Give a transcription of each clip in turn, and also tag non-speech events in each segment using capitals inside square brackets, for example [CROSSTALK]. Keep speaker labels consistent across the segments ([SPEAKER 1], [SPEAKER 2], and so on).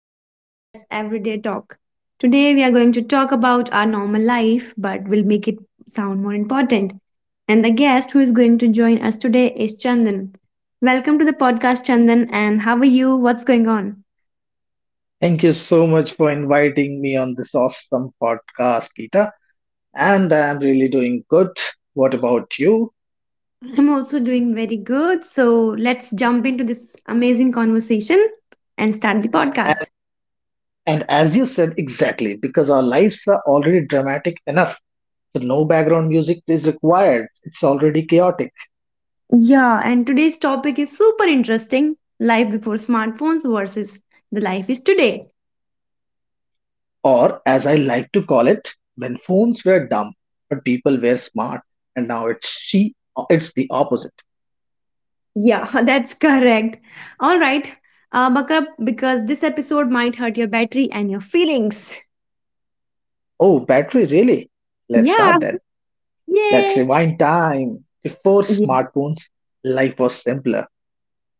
[SPEAKER 1] podcast that's Everyday Talk. Today, we are going to talk about our normal life, but we'll make it sound more important. And the guest who is going to join us today is Chandan. Welcome to the podcast, Chandan, and how are you? What's going on?
[SPEAKER 2] Thank you so much for inviting me on this awesome podcast, Geeta. And I'm really doing good. What about you?
[SPEAKER 1] I'm also doing very good, so let's jump into this amazing conversation and start the podcast.
[SPEAKER 2] And and as you said exactly, because our lives are already dramatic enough, so no background music is required. It's already chaotic.
[SPEAKER 1] Yeah, and today's topic is super interesting, life before smartphones versus the life is today.
[SPEAKER 2] Or as I like to call it, when phones were dumb, but people were smart. And now it's the opposite.
[SPEAKER 1] Yeah, [LAUGHS] that's correct. All right, buck up because this episode might hurt your battery and your feelings.
[SPEAKER 2] Oh, battery, really? Let's
[SPEAKER 1] Yeah,
[SPEAKER 2] start then. Let's
[SPEAKER 1] yay.
[SPEAKER 2] rewind time. Before
[SPEAKER 1] Yeah. yeah. Uh,
[SPEAKER 2] smartphones, life was simpler.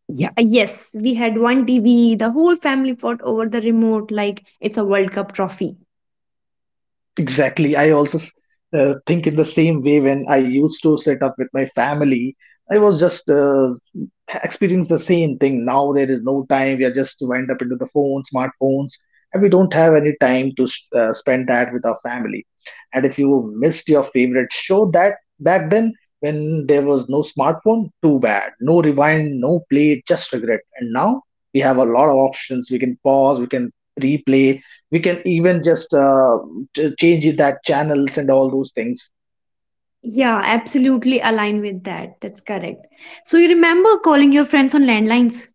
[SPEAKER 1] Yes, we had one TV, the whole family fought over the remote like it's a World Cup trophy.
[SPEAKER 2] Exactly. I also think in the same way when I used to set up with my family. I was just experience the same thing. Now there is no time. We are just wind up into the phone, smartphones, and we don't have any time to spend that with our family. And if you missed your favorite show that back then, when there was no smartphone, too bad. No rewind, no play, just regret. And now we have a lot of options. We can pause. We can replay. We can even just change it that channels and all those things.
[SPEAKER 1] Yeah, absolutely align with that. That's correct. So you remember calling your friends on landlines?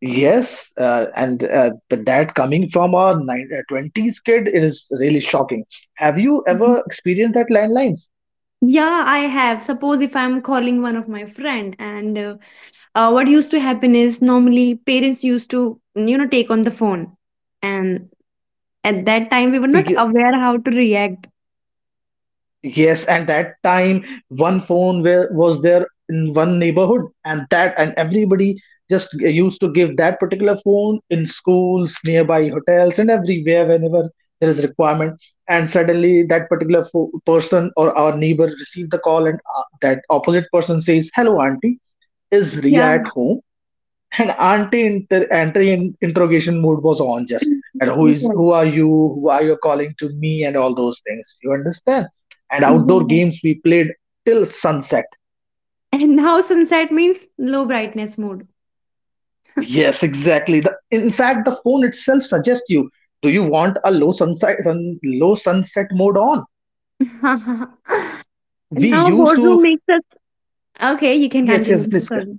[SPEAKER 2] Yes, and but that coming from a 20s kid, it is really shocking. Have you
[SPEAKER 1] Mhm.
[SPEAKER 2] ever experienced that landlines?
[SPEAKER 1] Yeah, I have. Suppose if I'm calling one of my friend and what used to happen is normally parents used to you know take on the phone, and at that time we were not
[SPEAKER 2] Like,
[SPEAKER 1] aware how to react.
[SPEAKER 2] yes, and that time one phone where was there in one neighborhood, and that and everybody just used to give that particular phone in schools, nearby hotels, and everywhere whenever there is requirement. And suddenly that particular person or our neighbor received the call, and that opposite person says, "Hello, auntie, is
[SPEAKER 1] Yeah.
[SPEAKER 2] Ria at home?" And anti inter anti interrogation mode was on. Just and
[SPEAKER 1] [LAUGHS]
[SPEAKER 2] who is
[SPEAKER 1] Sunset.
[SPEAKER 2] who are you, who are you calling to me, and all those things, you understand. And outdoor
[SPEAKER 1] Yeah,
[SPEAKER 2] games we played till sunset.
[SPEAKER 1] and now sunset means low brightness mode.
[SPEAKER 2] Yes, exactly. The, in fact, the phone itself suggests you, do you want a low low sunset mode on.
[SPEAKER 1] [LAUGHS] And
[SPEAKER 2] We
[SPEAKER 1] now
[SPEAKER 2] used
[SPEAKER 1] boardroom
[SPEAKER 2] to,
[SPEAKER 1] makes us, okay you can
[SPEAKER 2] yes,
[SPEAKER 1] continue,
[SPEAKER 2] yes,
[SPEAKER 1] I'm so
[SPEAKER 2] please go.
[SPEAKER 1] sorry.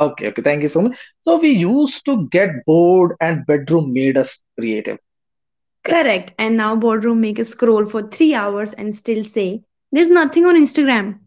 [SPEAKER 2] Okay, okay, thank you so much. So we used to get bored and bedroom made us creative.
[SPEAKER 1] Correct, and now boardroom make us scroll for 3 hours and still say there's nothing on Instagram.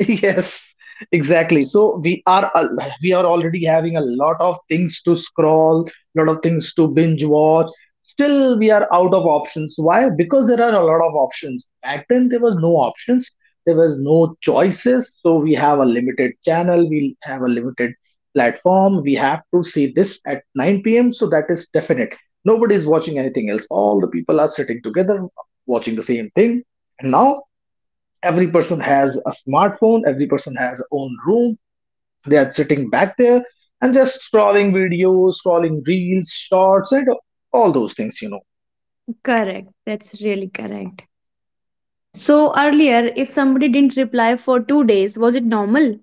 [SPEAKER 2] [LAUGHS] Yes, exactly. So we are already having a lot of things to scroll, lot of things to binge watch. Still, we are out of options. Why? Because there are a lot of options. Back then, there was no options. There was no choices. So we have a limited channel. We have a limited platform. We have to see this at 9 p.m. So that is definite. Nobody is watching anything else. All the people are sitting together, watching the same thing. And now every person has a smartphone, every person has own room, they are sitting back there and just scrolling videos, scrolling reels, shorts, and all those things, you know.
[SPEAKER 1] Correct, that's really correct. So earlier if somebody didn't reply for 2 days, was it normal?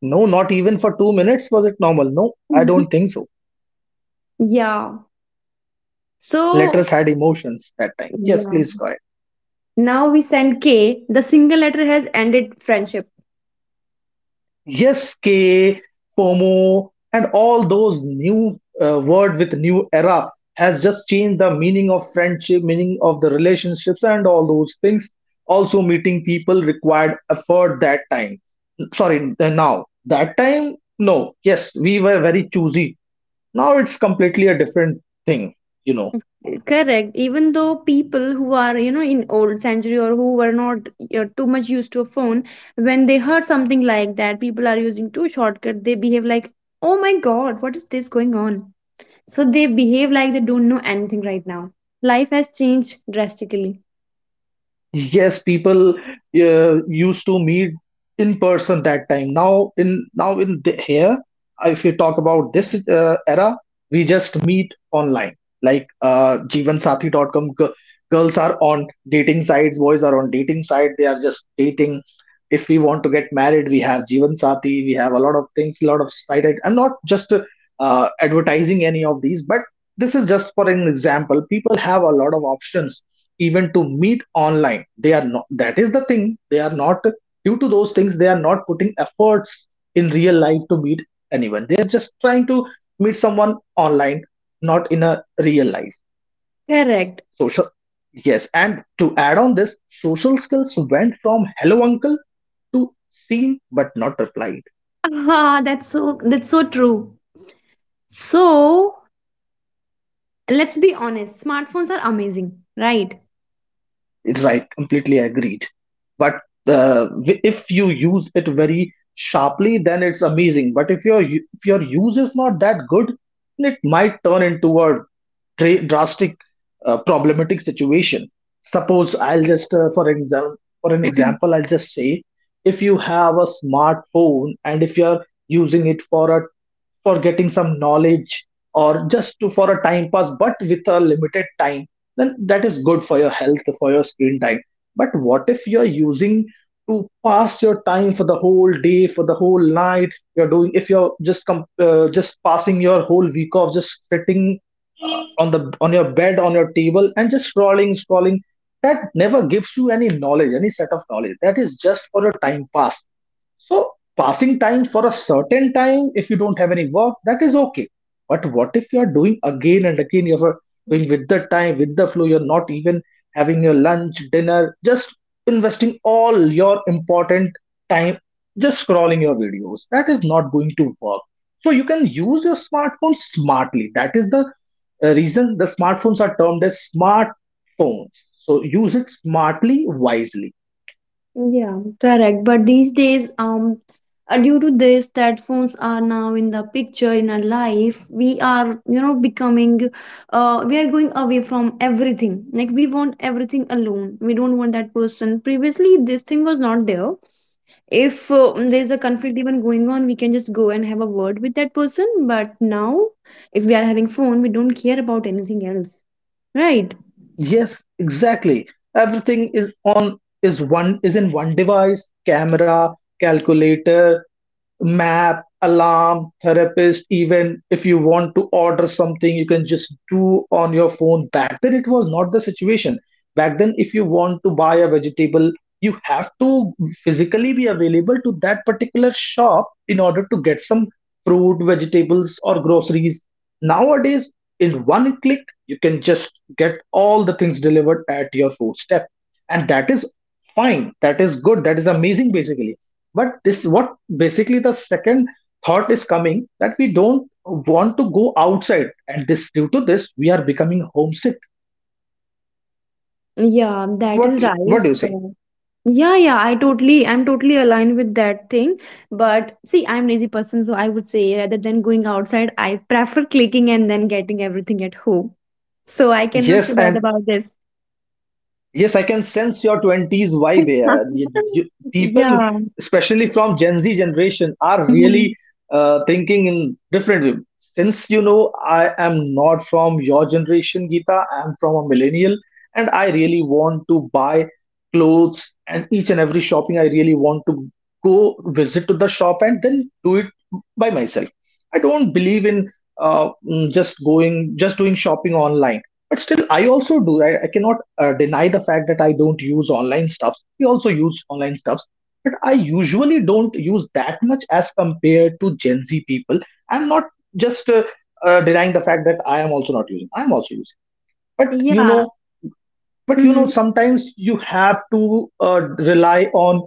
[SPEAKER 2] No, not even for 2 minutes was it normal. No, I
[SPEAKER 1] Mhm.
[SPEAKER 2] don't think so.
[SPEAKER 1] Yeah. So,
[SPEAKER 2] Letters had emotions that time. Yes,
[SPEAKER 1] yeah.
[SPEAKER 2] please go ahead.
[SPEAKER 1] Now we send K. The single letter has ended friendship.
[SPEAKER 2] Yes, K, FOMO, and all those new word with new era has just changed the meaning of friendship, meaning of the relationships, and all those things. Also, meeting people required effort that time. Sorry, now that time, no. Yes, we were very choosy. Now it's completely a different thing. You know.
[SPEAKER 1] Correct. Even though people who are, you know, in old century or who were not too much used to a phone, when they heard something like that, people are using two shortcut, they behave like, oh my God, what is this going on? So they behave like they don't know anything right now. Life has changed drastically.
[SPEAKER 2] Yes, people used to meet in person that time. Now in the, here, if you talk about this era, we just meet online. Like Jeevansathi.com, girls are on dating sites, boys are on dating site. They are just dating. If we want to get married, we have Jeevansathi. We have a lot of things, a lot of site. I'm not just advertising any of these, but this is just for an example. People have a lot of options even to meet online. They are not, that is the thing, they are not, due to those things they are not putting efforts in real life to meet anyone. They are just trying to meet someone online, not in a real life
[SPEAKER 1] Correct. [LAUGHS]
[SPEAKER 2] social. Yes, and to add on this, social skills went from hello uncle to seen but not replied.
[SPEAKER 1] Ah, that's so, that's so true. So let's be honest, smartphones are amazing, right?
[SPEAKER 2] Right, completely agreed. But if you use it very sharply, then it's amazing. But if your use is not that good, then it might turn into a drastic problematic situation. Suppose I'll just for an example
[SPEAKER 1] [CLEARS THROAT]
[SPEAKER 2] I'll just say, if you have a smartphone and if you're using it for a, for getting some knowledge or just to, for a time pass but with a limited time, then that is good for your health, for your screen time. But what if you're using to pass your time for the whole day, for the whole night, you're doing, if you're just just passing your whole week off, just sitting on the, on your bed, on your table, and just scrolling, scrolling. That never gives you any knowledge, any set of knowledge. That is just for your time pass. So passing time for a certain time, if you don't have any work, that is okay. But what if you are doing again and again? You are doing with the time, with the flow. You're not even having your lunch, dinner, just investing all your important time just scrolling your videos. That is not going to work. So you can use your smartphone smartly. That is the reason the smartphones are termed as smartphones. So use it smartly, wisely.
[SPEAKER 1] Yeah. Correct. But these days, due to this, that phones are now in the picture in our life, we are, you know, becoming, we are going away from everything. Like, we want everything alone. We don't want that person. Previously, this thing was not there. If there's a conflict even going on, we can just go and have a word with that person. But now, if we are having phone, we don't care about anything else, right?
[SPEAKER 2] Yes, exactly. Everything is on is one is in one device, camera, calculator, map, alarm, therapist, even if you want to order something, you can just do on your phone. Back then it was not the situation. Back then, if you want to buy a vegetable, you have to physically be available to that particular shop in order to get some fruit vegetables or groceries. Nowadays in one click you can just get all the things delivered at your doorstep. And that is fine, that is good, that is amazing basically. But this, what basically the second thought is coming, that we don't want to go outside, and this due to this we are becoming homesick.
[SPEAKER 1] Yeah, that
[SPEAKER 2] what
[SPEAKER 1] is right.
[SPEAKER 2] what do you
[SPEAKER 1] But
[SPEAKER 2] say?
[SPEAKER 1] yeah, yeah, I'm totally aligned with that thing. But see, I'm lazy person, so I would say rather than going outside, I prefer clicking and then getting everything at home. So I cannot
[SPEAKER 2] Yes,
[SPEAKER 1] say that
[SPEAKER 2] and
[SPEAKER 1] about this.
[SPEAKER 2] yes, I can sense your 20s vibe here. You,
[SPEAKER 1] [LAUGHS]
[SPEAKER 2] you, people,
[SPEAKER 1] Yeah.
[SPEAKER 2] especially from Gen Z generation, are
[SPEAKER 1] Mhm.
[SPEAKER 2] really thinking in different way. Since you know I am not from your generation, Geeta, I'm from a millennial, and I really want to buy clothes and each and every shopping. I really want to go visit to the shop and then do it by myself. I don't believe in just going, just doing shopping online. But still, I also do. I cannot deny the fact that I don't use online stuffs. We also use online stuffs, but I usually don't use that much as compared to Gen Z people. I'm not just denying the fact that I am also not using. I'm also using. But you
[SPEAKER 1] Yeah.
[SPEAKER 2] know, but you
[SPEAKER 1] Hmm.
[SPEAKER 2] know sometimes you have to uh, rely on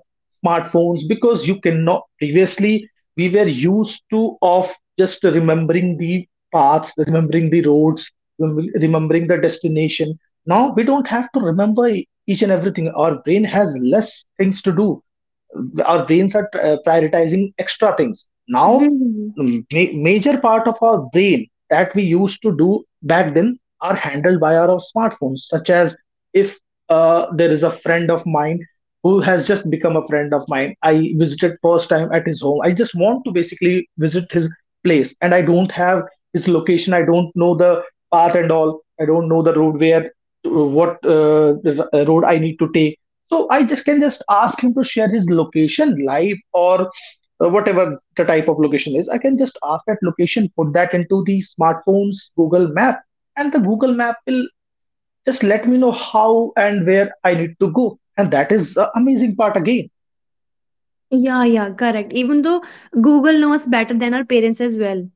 [SPEAKER 2] smartphones because you cannot. Previously we were used to of just remembering the paths, remembering the roads, remembering the destination. Now we don't have to remember each and everything. Our brain has less things to do. Our brains are prioritizing extra things now.
[SPEAKER 1] Hmm.
[SPEAKER 2] Major part of our brain that we used to do back then are handled by our smartphones. Such as, if there is a friend of mine who has just become a friend of mine, I visited first time at his home, I just want to basically visit his place and I don't have his location, I don't know the path and all, I don't know the road where, what the road I need to take. So I just can just ask him to share his location live or whatever the type of location is. I can just ask that location, put that into the smartphone's Google Map, and the Google Map will just let me know how and where I need to go. And that is the amazing part again.
[SPEAKER 1] Yeah, yeah, correct. Even though Google knows better than our parents as well.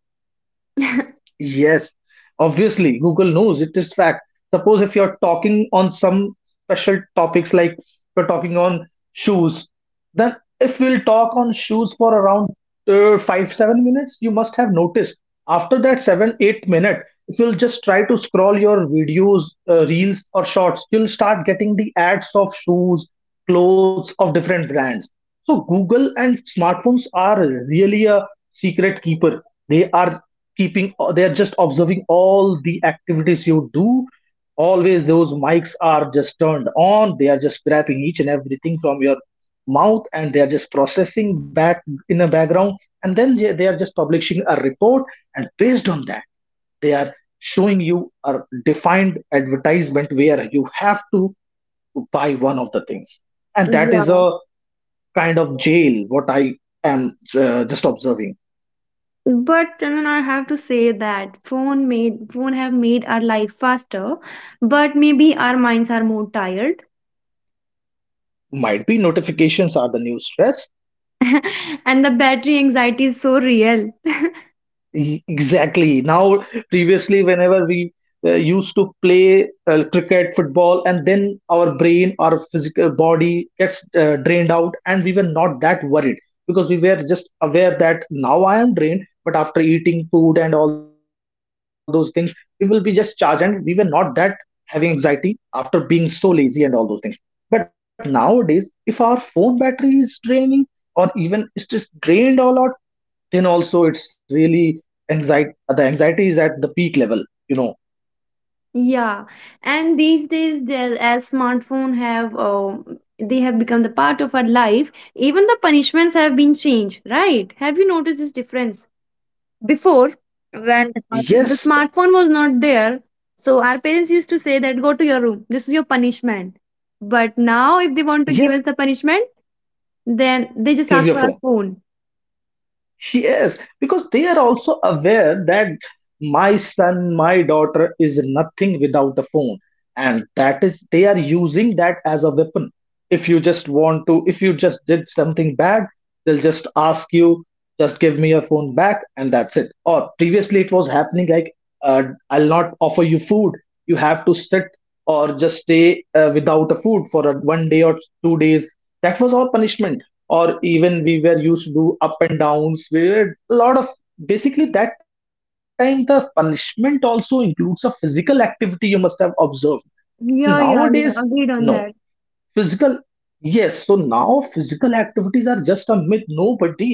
[SPEAKER 2] Yes, obviously Google knows, it is fact. Suppose if you're talking on some special topics, like we're talking on shoes, then if we'll talk on shoes for around five, 7 minutes, you must have noticed after that seven, 8 minute, if you'll just try to scroll your videos, reels, or shorts, you'll start getting the ads of shoes, clothes of different brands. So Google and smartphones are really a secret keeper. They are keeping, they are just observing all the activities you do. Always those mics are just turned on, they are just grabbing each and everything from your mouth, and they are just processing back in a background, and then they are just publishing a report. And based on that, they are showing you a defined advertisement where you have to buy one of the things, and that is
[SPEAKER 1] Yeah.
[SPEAKER 2] a kind of jail what I am just observing.
[SPEAKER 1] But then I have to say that phone made phone have made our life faster, but maybe our minds are more tired,
[SPEAKER 2] Might be notifications are the new stress.
[SPEAKER 1] and the battery anxiety is so real. [LAUGHS]
[SPEAKER 2] Exactly. Now, previously, whenever we used to play cricket, football, and then our brain, our physical body gets drained out, and we were not that worried because we were just aware that now I am drained, but after eating food and all those things, we will be just charged, and we were not that having anxiety after being so lazy and all those things. But nowadays, if our phone battery is draining, or even it's just drained all out, then also it's really anxiety the anxiety is at the peak level, you know.
[SPEAKER 1] Yeah, and these days, as smartphone have they have become the part of our life, even the punishments have been changed, right? Have you noticed this difference? Before, when
[SPEAKER 2] Yes,
[SPEAKER 1] the smartphone was not there, so our parents used to say that go to your room. This is your punishment. But now, if they want to
[SPEAKER 2] yes.
[SPEAKER 1] give us the punishment, then they just ask
[SPEAKER 2] Give your
[SPEAKER 1] for our
[SPEAKER 2] phone.
[SPEAKER 1] phone.
[SPEAKER 2] Yes, because they are also aware that my son, my daughter is nothing without a phone, and that is they are using that as a weapon. If you just want to, if you just did something bad, they'll just ask you, just give me your phone back, and that's it. Or previously it was happening like, uh, I'll not offer you food, you have to sit or just stay without a food for a, 1 day or 2 days. That was our punishment. Or even we were used to do up and downs, we were a lot of, basically that time the punishment also includes a physical activity, you must have observed
[SPEAKER 1] Yeah,
[SPEAKER 2] nowadays.
[SPEAKER 1] yeah, yeah.
[SPEAKER 2] No.
[SPEAKER 1] Agreed on that.
[SPEAKER 2] Physical, yes. So now physical activities are just a myth. Nobody,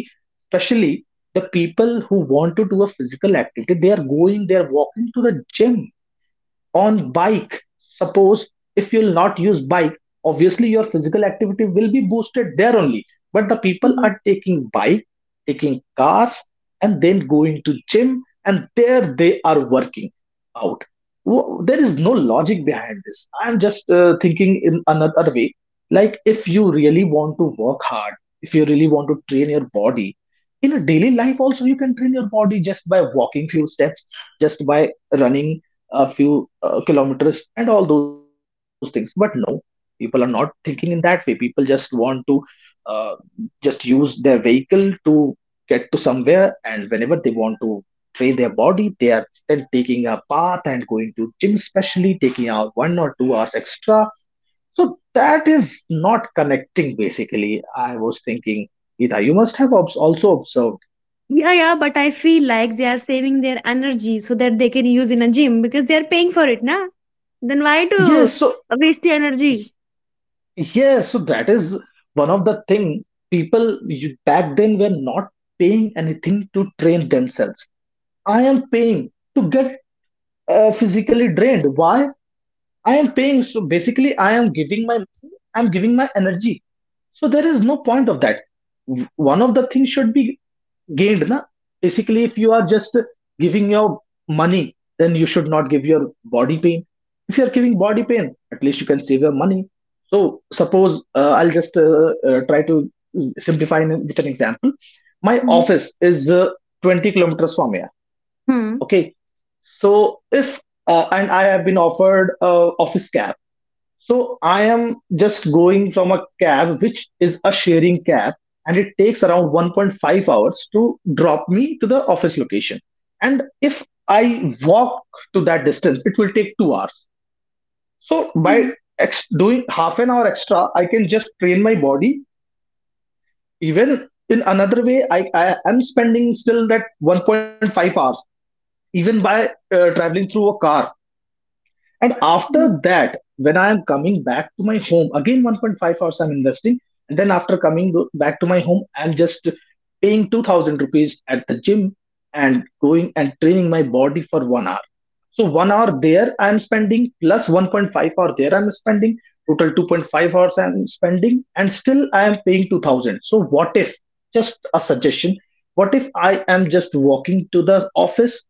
[SPEAKER 2] especially the people who want to do a physical activity, they are going, they are walking to the gym on bike. Suppose if you'll not use bike, obviously your physical activity will be boosted there only, but the people
[SPEAKER 1] Mhm.
[SPEAKER 2] are taking bike, taking cars, and then going to gym, and there they are working out. There is no logic behind this, I'm just thinking in another way. Like if you really want to work hard, if you really want to train your body, in a daily life also you can train your body just by walking few steps, just by running a few kilometers and all those things. But no, people are not thinking in that way. People just want to, uh, just use their vehicle to get to somewhere, and whenever they want to train their body, they are then taking a path and going to gym, especially taking out 1 or 2 hours extra. So that is not connecting, basically I was thinking. Gita, you must have also observed.
[SPEAKER 1] Yeah, yeah, but I feel like they are saving their energy so that they can use in a gym because they are paying for it, na? Then why to
[SPEAKER 2] Yes, so.
[SPEAKER 1] waste the energy?
[SPEAKER 2] Yes, so that is one of the thing. People back then were not paying anything to train themselves. I am paying to get physically drained. Why? I am paying. So basically, I am giving my money, I'm giving my energy. So there is no point of that. One of the things should be gained. Na? Basically, if you are just giving your money, then you should not give your body pain. If you are giving body pain, at least you can save your money. So suppose I'll just try to simplify with an example. My
[SPEAKER 1] Mm-hmm.
[SPEAKER 2] office is 20 kilometers from here.
[SPEAKER 1] Hmm.
[SPEAKER 2] Okay. So if and I have been offered a office cab, so I am just going from a cab, which is a sharing cab, and it takes around 1.5 hours to drop me to the office location. And if I walk to that distance, it will take 2 hours. So by
[SPEAKER 1] Mhm.
[SPEAKER 2] doing half an hour extra, I can just train my body. Even in another way, I am spending still that 1.5 hours, even by traveling through a car. And after that, when I am coming back to my home, again 1.5 hours I'm investing. And then after back to my home, I'm just paying 2000 rupees at the gym and going and training my body for 1 hour. So 1 hour there I'm spending, plus 1.5 hour there I'm spending, total 2.5 hours I'm spending, and still I am paying 2000. So what if, just a suggestion? What if I am just walking to the office?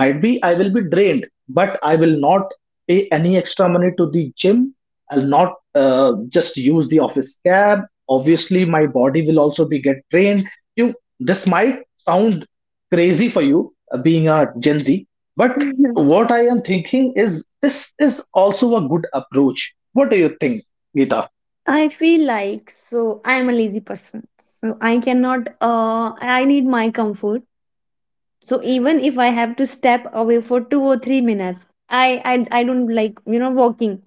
[SPEAKER 2] Might be I will be drained, but I will not pay any extra money to the gym. I'll not just use the office cab, obviously my body will also be get drained. You, this might sound crazy for you, being a Gen Z. But
[SPEAKER 1] [LAUGHS]
[SPEAKER 2] what I am thinking is, this is also a good approach. What do you think, Gita?
[SPEAKER 1] I feel like so I am a lazy person. So I cannot I need my comfort. So even if I have to step away for 2 or 3 minutes, I don't like, you know, walking.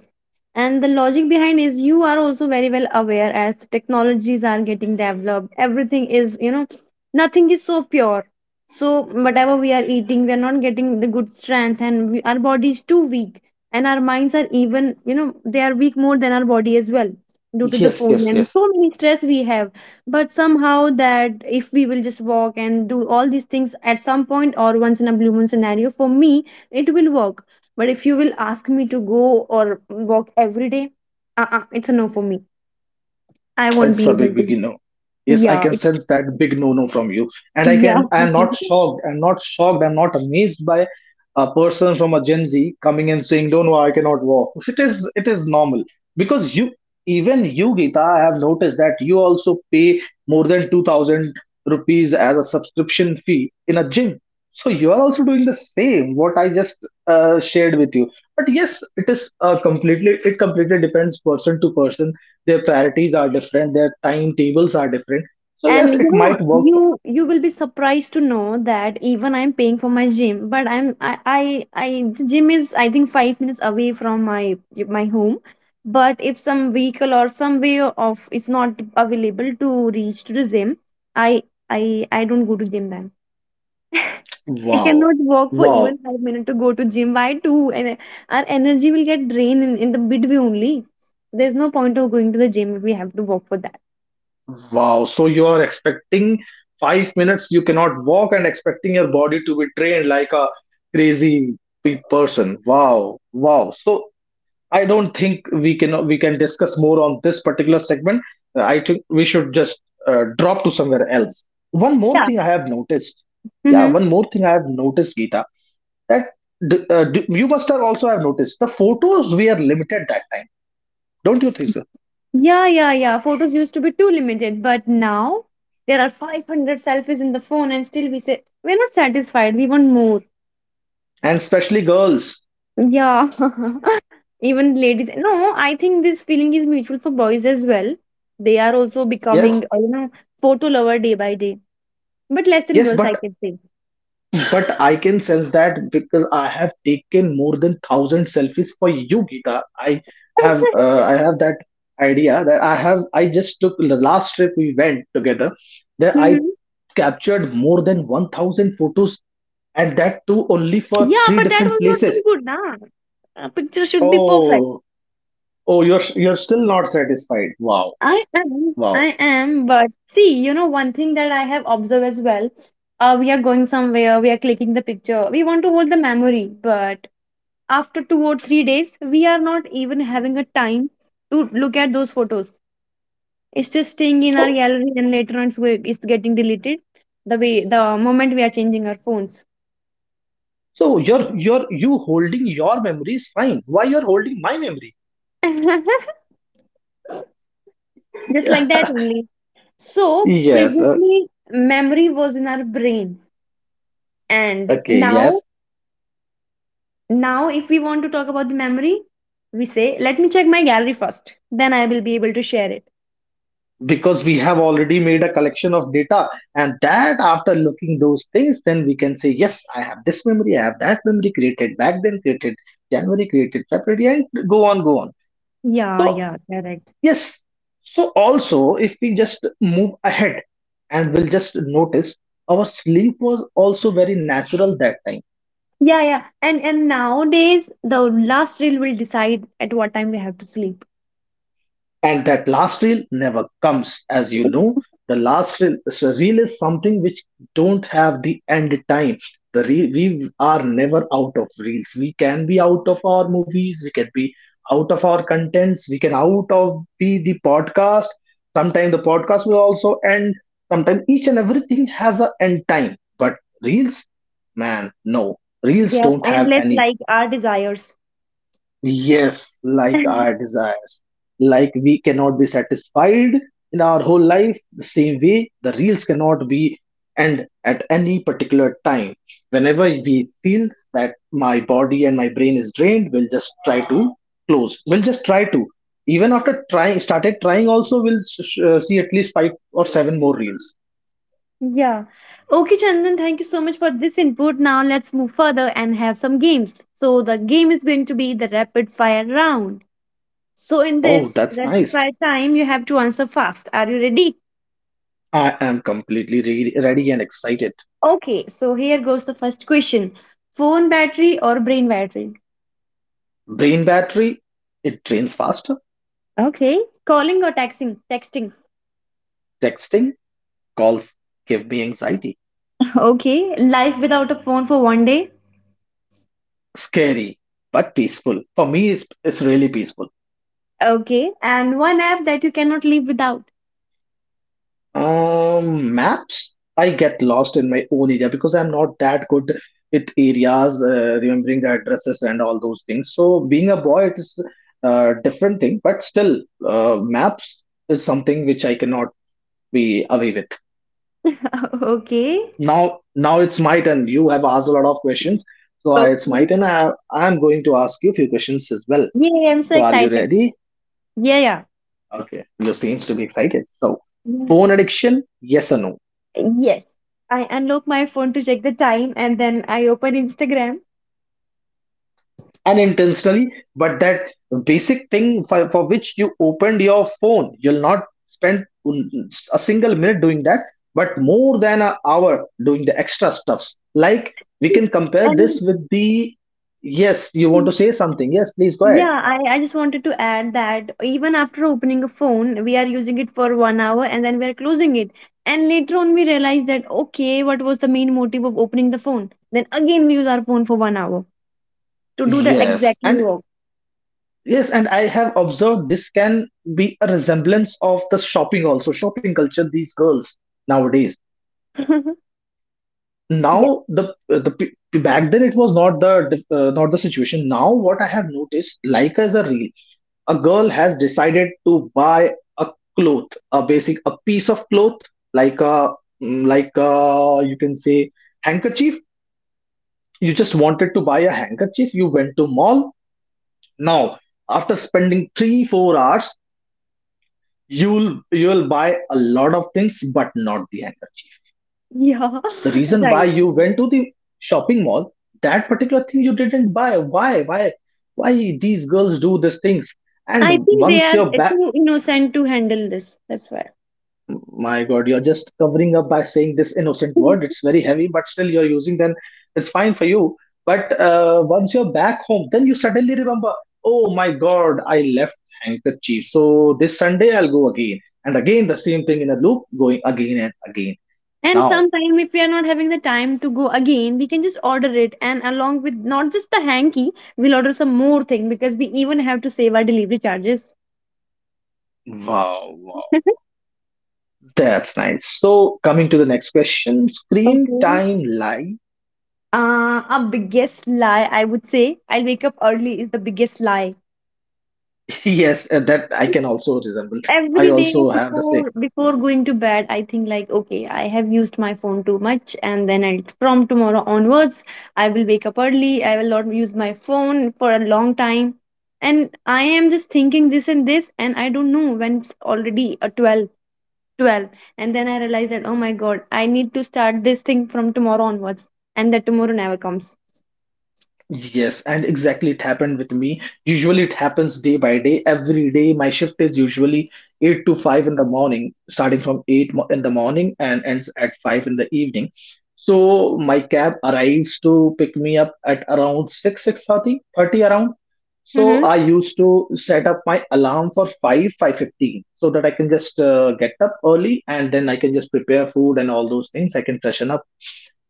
[SPEAKER 1] And the logic behind is you are also very well aware as technologies are getting developed. Everything is, you know, nothing is so pure. So, whatever we are eating, we are not getting the good strength, and we, our body is too weak. And our minds are even, you know, they are weak more than our body as well due to the
[SPEAKER 2] Yes,
[SPEAKER 1] phone
[SPEAKER 2] yes,
[SPEAKER 1] and
[SPEAKER 2] yes.
[SPEAKER 1] so many stress we have. But somehow, that if we will just walk and do all these things at some point or once in a blue moon scenario, for me, it will work, but if you will ask me to go or walk every day, uh-uh, it's a no for me. I won't
[SPEAKER 2] It's a
[SPEAKER 1] be
[SPEAKER 2] big,
[SPEAKER 1] able
[SPEAKER 2] big
[SPEAKER 1] to.
[SPEAKER 2] no. Yes, I
[SPEAKER 1] Yeah,
[SPEAKER 2] can sense that big no no from you. And I
[SPEAKER 1] yeah.
[SPEAKER 2] can, I'm not
[SPEAKER 1] [LAUGHS]
[SPEAKER 2] shocked. I'm not shocked. I'm not amazed by a person from a Gen Z coming and saying, "Don't know, I cannot walk." It is normal because you, even you, Geeta, I have noticed that you also pay more than 2,000 rupees as a subscription fee in a gym. So you are also doing the same. What I just shared with you. But yes, it is completely. It completely depends person to person, their priorities are different, their timetables are different. So
[SPEAKER 1] And
[SPEAKER 2] yes, it
[SPEAKER 1] you know,
[SPEAKER 2] might work.
[SPEAKER 1] you will be surprised to know that even I'm paying for my gym, but I the gym is I think 5 minutes away from my home. But if some vehicle or some way of is not available to reach to the gym, I I don't go to gym then. I
[SPEAKER 2] Wow.
[SPEAKER 1] cannot walk for
[SPEAKER 2] Wow,
[SPEAKER 1] even 5 minutes to go to gym. Why two? And our energy will get drained in the midway only. There's no point of going to the gym if we have to walk for that.
[SPEAKER 2] wow. So you are expecting 5 minutes you cannot walk and expecting your body to be trained like a crazy person. Wow. Wow. So I don't think we can discuss more on this particular segment. I think we should just drop to somewhere else. One more
[SPEAKER 1] Yeah.
[SPEAKER 2] thing I have noticed. Yeah,
[SPEAKER 1] Mm-hmm.
[SPEAKER 2] one more thing I have noticed, Geeta. That you must have also have noticed the photos we are limited that time, don't you think so?
[SPEAKER 1] Yeah, yeah, yeah. Photos used to be too limited, but now there are 500 selfies in the phone, and still we say we're not satisfied. We want more.
[SPEAKER 2] And especially girls.
[SPEAKER 1] Yeah. [LAUGHS] Even ladies. No, I think this feeling is mutual for boys as well. They are also
[SPEAKER 2] Yes,
[SPEAKER 1] becoming, you know, photo lover day by day, but less than
[SPEAKER 2] yes,
[SPEAKER 1] girls, I can say. [LAUGHS]
[SPEAKER 2] but I can sense that because I have taken more than thousand selfies for you, Gita. I have that idea that I have, I just took the last trip we went together. That I
[SPEAKER 1] Mhm.
[SPEAKER 2] captured more than 1,000 photos, and that too only for
[SPEAKER 1] Yeah,
[SPEAKER 2] three
[SPEAKER 1] but that
[SPEAKER 2] different
[SPEAKER 1] was not
[SPEAKER 2] places.
[SPEAKER 1] too good, nah. A picture should be perfect.
[SPEAKER 2] Oh, oh, you're still not satisfied. Wow.
[SPEAKER 1] I
[SPEAKER 2] Wow.
[SPEAKER 1] am, but see, you know, one thing that I have observed as well. We are going somewhere, we are clicking the picture, we want to hold the memory, but after 2 or 3 days, we are not even having a time to look at those photos. It's just staying in our
[SPEAKER 2] So
[SPEAKER 1] gallery, and later on, it's getting deleted. The way the moment we are changing our phones,
[SPEAKER 2] so you're, you holding your memory is fine. Why you're holding my memory?
[SPEAKER 1] [LAUGHS] just like
[SPEAKER 2] [LAUGHS]
[SPEAKER 1] that only. So
[SPEAKER 2] Yes.
[SPEAKER 1] previously memory was in our brain, and
[SPEAKER 2] Okay.
[SPEAKER 1] now
[SPEAKER 2] Yes.
[SPEAKER 1] now if we want to talk about the memory, we say let me check my gallery first, then I will be able to share it.
[SPEAKER 2] Because we have already made a collection of data, and that after looking those things, then we can say yes, I have this memory, I have that memory created back then, created January, created February, and go on, go on.
[SPEAKER 1] Yeah,
[SPEAKER 2] So
[SPEAKER 1] yeah, correct.
[SPEAKER 2] yes. So also, if we just move ahead, and we'll just notice our sleep was also very natural that time.
[SPEAKER 1] Yeah, yeah. And nowadays the last reel will decide at what time we have to sleep.
[SPEAKER 2] And that last reel never comes, as you
[SPEAKER 1] [LAUGHS]
[SPEAKER 2] know. The last reel, so reel is something which don't have the end time. The we are never out of reels. We can be out of our movies. We can be out of our contents. We can out of be the podcast. Sometimes the podcast will also end. Sometimes each and everything has a end time. But reels, man, no. Reels
[SPEAKER 1] They are
[SPEAKER 2] don't have
[SPEAKER 1] endless
[SPEAKER 2] any.
[SPEAKER 1] like our desires.
[SPEAKER 2] Yes, like our
[SPEAKER 1] [LAUGHS]
[SPEAKER 2] desires. Like we cannot be satisfied in our whole life, the same way the reels cannot be end at any particular time. Whenever we feel that my body and my brain is drained, we'll just try to close. We'll just try to. Even after trying, started trying, also we'll see at least 5 or 7 more reels.
[SPEAKER 1] Yeah. Okay, Chandan, thank you so much for this input. Now let's move further and have some games. So the game is going to be the rapid fire round. So, in
[SPEAKER 2] Oh,
[SPEAKER 1] this
[SPEAKER 2] that's
[SPEAKER 1] rapid
[SPEAKER 2] nice.
[SPEAKER 1] fire time, you have to answer fast. Are you ready?
[SPEAKER 2] I am completely ready and excited.
[SPEAKER 1] Okay, so here goes the first question. Phone battery or brain battery?
[SPEAKER 2] Brain battery, it drains faster.
[SPEAKER 1] Okay. Calling or texting? Texting.
[SPEAKER 2] Texting, calls give me anxiety.
[SPEAKER 1] Okay. Life without a phone for 1 day?
[SPEAKER 2] Scary, but peaceful. For me, it's really peaceful.
[SPEAKER 1] Okay. And one app that you cannot live without?
[SPEAKER 2] Maps, I get lost in my own area because I'm not that good with areas, remembering the addresses and all those things. So being a boy, it is a different thing, but still, maps is something which I cannot be away with.
[SPEAKER 1] [LAUGHS] Okay.
[SPEAKER 2] Now, now it's my turn. You have asked a lot of questions, so I, it's my
[SPEAKER 1] Okay.
[SPEAKER 2] turn. I'm going to ask you a few questions as well.
[SPEAKER 1] Yay, I'm so
[SPEAKER 2] So are you
[SPEAKER 1] excited.
[SPEAKER 2] ready?
[SPEAKER 1] Yeah, yeah.
[SPEAKER 2] Okay, you seems to be excited. So,
[SPEAKER 1] Yeah.
[SPEAKER 2] phone addiction, yes or no?
[SPEAKER 1] Yes. I unlock my phone to check the time and then I open Instagram.
[SPEAKER 2] Unintentionally, but that basic thing for which you opened your phone, you'll not spend a single minute doing that, but more than an hour doing the extra stuffs. Like we can
[SPEAKER 1] [LAUGHS]
[SPEAKER 2] compare this
[SPEAKER 1] And
[SPEAKER 2] with the, yes, you want to say something? Yes, please go ahead.
[SPEAKER 1] yeah, I just wanted to add that even after opening a phone, we are using it for 1 hour and then we are closing it. And later on, we realize that, okay, what was the main motive of opening the phone? Then again, we use our phone for 1 hour to do the
[SPEAKER 2] Yes,
[SPEAKER 1] exactly
[SPEAKER 2] and
[SPEAKER 1] work.
[SPEAKER 2] yes, and I have observed this can be a resemblance of the shopping also, shopping culture. These girls nowadays,
[SPEAKER 1] [LAUGHS] Yeah,
[SPEAKER 2] now back then it was not the not the situation now, what I have noticed, like, as a reel, a girl has decided to buy a cloth a basic a piece of cloth, like a mm, like a, you can say handkerchief. You just wanted to buy a handkerchief, you went to mall. Now, after spending 3 4 hours, you'll buy a lot of things but not the handkerchief.
[SPEAKER 1] yeah,
[SPEAKER 2] The
[SPEAKER 1] [LAUGHS]
[SPEAKER 2] reason
[SPEAKER 1] right.
[SPEAKER 2] why you
[SPEAKER 1] Right.
[SPEAKER 2] went to the shopping mall, that particular thing you didn't buy. Why these girls do these things?
[SPEAKER 1] I
[SPEAKER 2] And
[SPEAKER 1] think they
[SPEAKER 2] once
[SPEAKER 1] are
[SPEAKER 2] you're back,
[SPEAKER 1] too innocent to handle this. That's why.
[SPEAKER 2] my god, you're just covering up by saying this innocent word.
[SPEAKER 1] [LAUGHS]
[SPEAKER 2] It's very heavy but still you're using, then it's fine for you. But once you're back home, then you suddenly remember, oh my god, I left handkerchief. So this Sunday I'll go again and again, the same thing in a loop, going again and again.
[SPEAKER 1] And
[SPEAKER 2] Now,
[SPEAKER 1] sometime if we are not having the time to go again, we can just order it and along with not just the hanky, we'll order some more thing because we even have to save our delivery charges.
[SPEAKER 2] wow, wow!
[SPEAKER 1] [LAUGHS]
[SPEAKER 2] That's nice. So, coming to the next question: screen
[SPEAKER 1] Okay.
[SPEAKER 2] time lie.
[SPEAKER 1] A biggest lie I would say I'll wake up early is the biggest lie.
[SPEAKER 2] [LAUGHS] Yes, that I can also resemble. I
[SPEAKER 1] Every day
[SPEAKER 2] also have the same.
[SPEAKER 1] before going to bed, I think like okay, I have used my phone too much, and then from tomorrow onwards I will wake up early, I will not use my phone for a long time, and I am just thinking this and this, and I don't know when it's already a twelve, and then I realize that oh my God, I need to start this thing from tomorrow onwards, and that tomorrow never comes.
[SPEAKER 2] Yes, and exactly it happened with me. Usually it happens day by day. Every day my shift is usually 8 to 5 in the morning, starting from 8 in the morning and ends at 5 in the evening. So my cab arrives to pick me up at around 6, 6:30, thirty around. So
[SPEAKER 1] Mm-hmm.
[SPEAKER 2] I used to set up my alarm for 5, 5:15 so that I can just get up early, and then I can just prepare food and all those things. I can freshen up.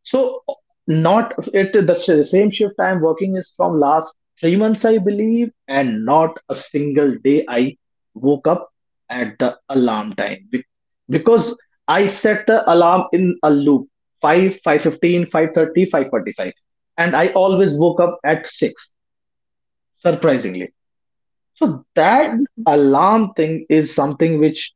[SPEAKER 2] So, not same shift I'm working is from last 3 months, I believe, and not a single day I woke up at the alarm time, because I set the alarm in a loop: 5, thirty five forty five, forty-five, and I always woke up at 6, surprisingly. So that alarm thing is something which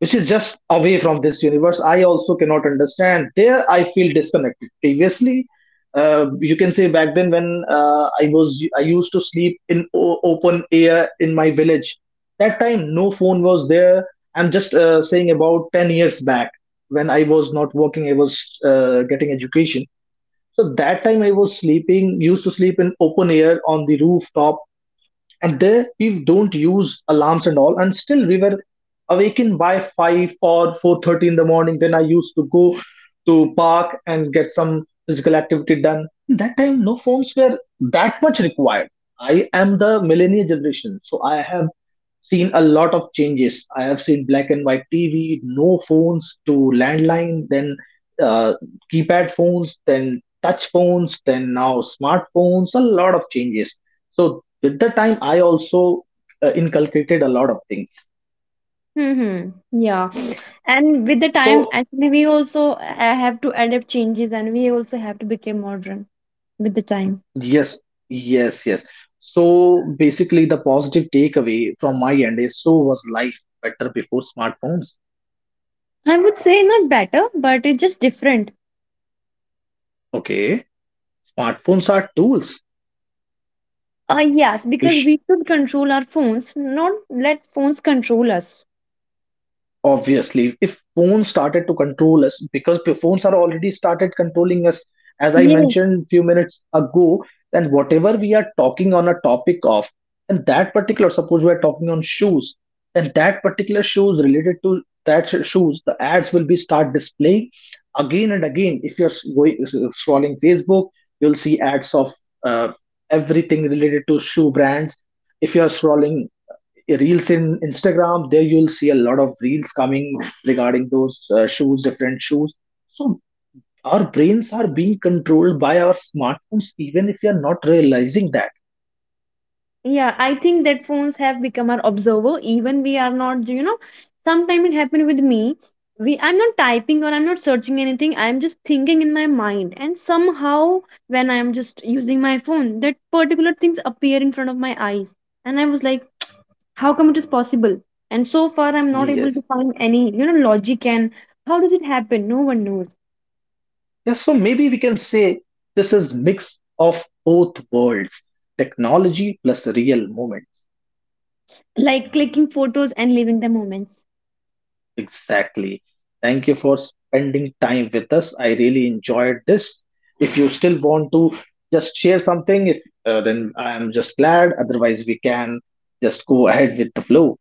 [SPEAKER 2] is just away from this universe. I also cannot understand. There, I feel disconnected. Previously, you can say back then when I used to sleep in open air in my village. That time, no phone was there. I'm just saying about 10 years back, when I was not working, I was getting education. So that time I was sleeping, used to sleep in open air on the rooftop, and there we don't use alarms and all, and still we were awakened by 5 or 4:30 in the morning. Then I used to go to park and get some physical activity done. That time no phones were that much required. I am the millennial generation, so I have seen a lot of changes. I have seen black and white TV, no phones to landline, then uh, keypad phones, then touch phones, then now smartphones, a lot of changes. So, with the time, I also inculcated a lot of things.
[SPEAKER 1] Mm-hmm. Yeah. And with the time,
[SPEAKER 2] So,
[SPEAKER 1] actually, we also have to adapt changes and we also have to become modern with the time.
[SPEAKER 2] yes, yes, yes. So, basically, the positive takeaway from my end is, so was life better before smartphones?
[SPEAKER 1] I would say not better, but it's just different.
[SPEAKER 2] Okay, smartphones are tools.
[SPEAKER 1] Yes,
[SPEAKER 2] We
[SPEAKER 1] because we should control our phones, not let phones control us.
[SPEAKER 2] Obviously, if phones started to control us, because the phones are already started controlling us, as I
[SPEAKER 1] Yes.
[SPEAKER 2] mentioned few minutes ago, then whatever we are talking on a topic of, and that particular, suppose we are talking on shoes, then that particular shoes related to shoes, the ads will be start displaying again and again. If you're scrolling Facebook, you'll see ads of uh, everything related to shoe brands. If you're scrolling reels in Instagram, there you'll see a lot of reels coming regarding those shoes different shoes. So our brains are being controlled by our smartphones, even if we are not realizing that.
[SPEAKER 1] Yeah, I think that phones have become our observer. Even we are not, you know, sometimes it happened with me. We I'm not typing or I'm not searching anything. I'm just thinking in my mind. And somehow when I'm just using my phone, that particular things appear in front of my eyes. And I was like, how come it is possible? And so far I'm not able to
[SPEAKER 2] Yes,
[SPEAKER 1] find any, you know, logic and how does it happen? No one knows.
[SPEAKER 2] yes. So maybe we can say this is mix of both worlds: technology plus real moment.
[SPEAKER 1] Like clicking photos and leaving the moments.
[SPEAKER 2] Exactly. Thank you for spending time with us. I really enjoyed this. If you still want to just share something, if then I'm just glad. Otherwise, we can just go ahead with the flow.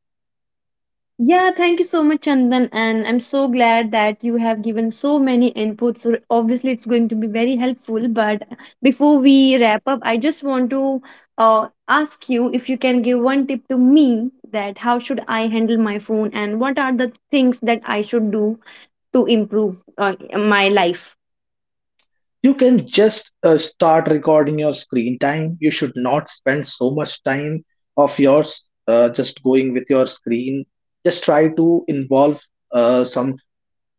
[SPEAKER 1] Yeah, thank you so much, Chandan. And I'm so glad that you have given so many inputs. So obviously, it's going to be very helpful. But before we wrap up, I just want to ask you if you can give one tip to me that how should I handle my phone and what are the things that I should do to improve my life.
[SPEAKER 2] You can just start recording your screen time. You should not spend so much time of yours, just going with your screen. Just try to involve some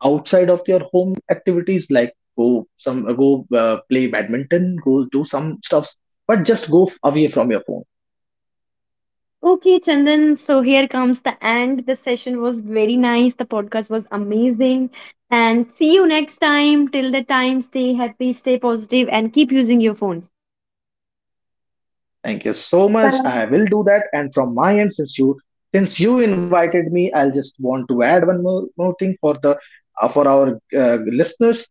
[SPEAKER 2] outside of your home activities, like go some go play badminton, go do some stuffs, but just away from your phone.
[SPEAKER 1] Okay, Chandan. So here comes the end. The session was very nice. The podcast was amazing. And see you next time. Till the time, stay happy, stay positive, and keep using your phones.
[SPEAKER 2] Thank you so much, I
[SPEAKER 1] Bye.
[SPEAKER 2] will do that. And from my end, since you invited me, I'll just want to add one more thing for the for our listeners.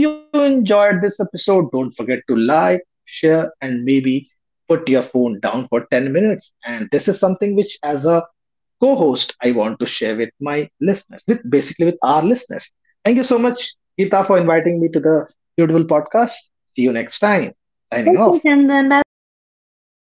[SPEAKER 2] If you enjoyed this episode, don't forget to like, share, and maybe put your phone down for 10 minutes. And this is something which, as a co host, I want to share with my listeners, with basically with our listeners. Thank you so much, Geeta, for inviting me to the beautiful podcast. See you next time. Signing
[SPEAKER 1] Okay,
[SPEAKER 2] off.
[SPEAKER 1] Chandan. Bye bye.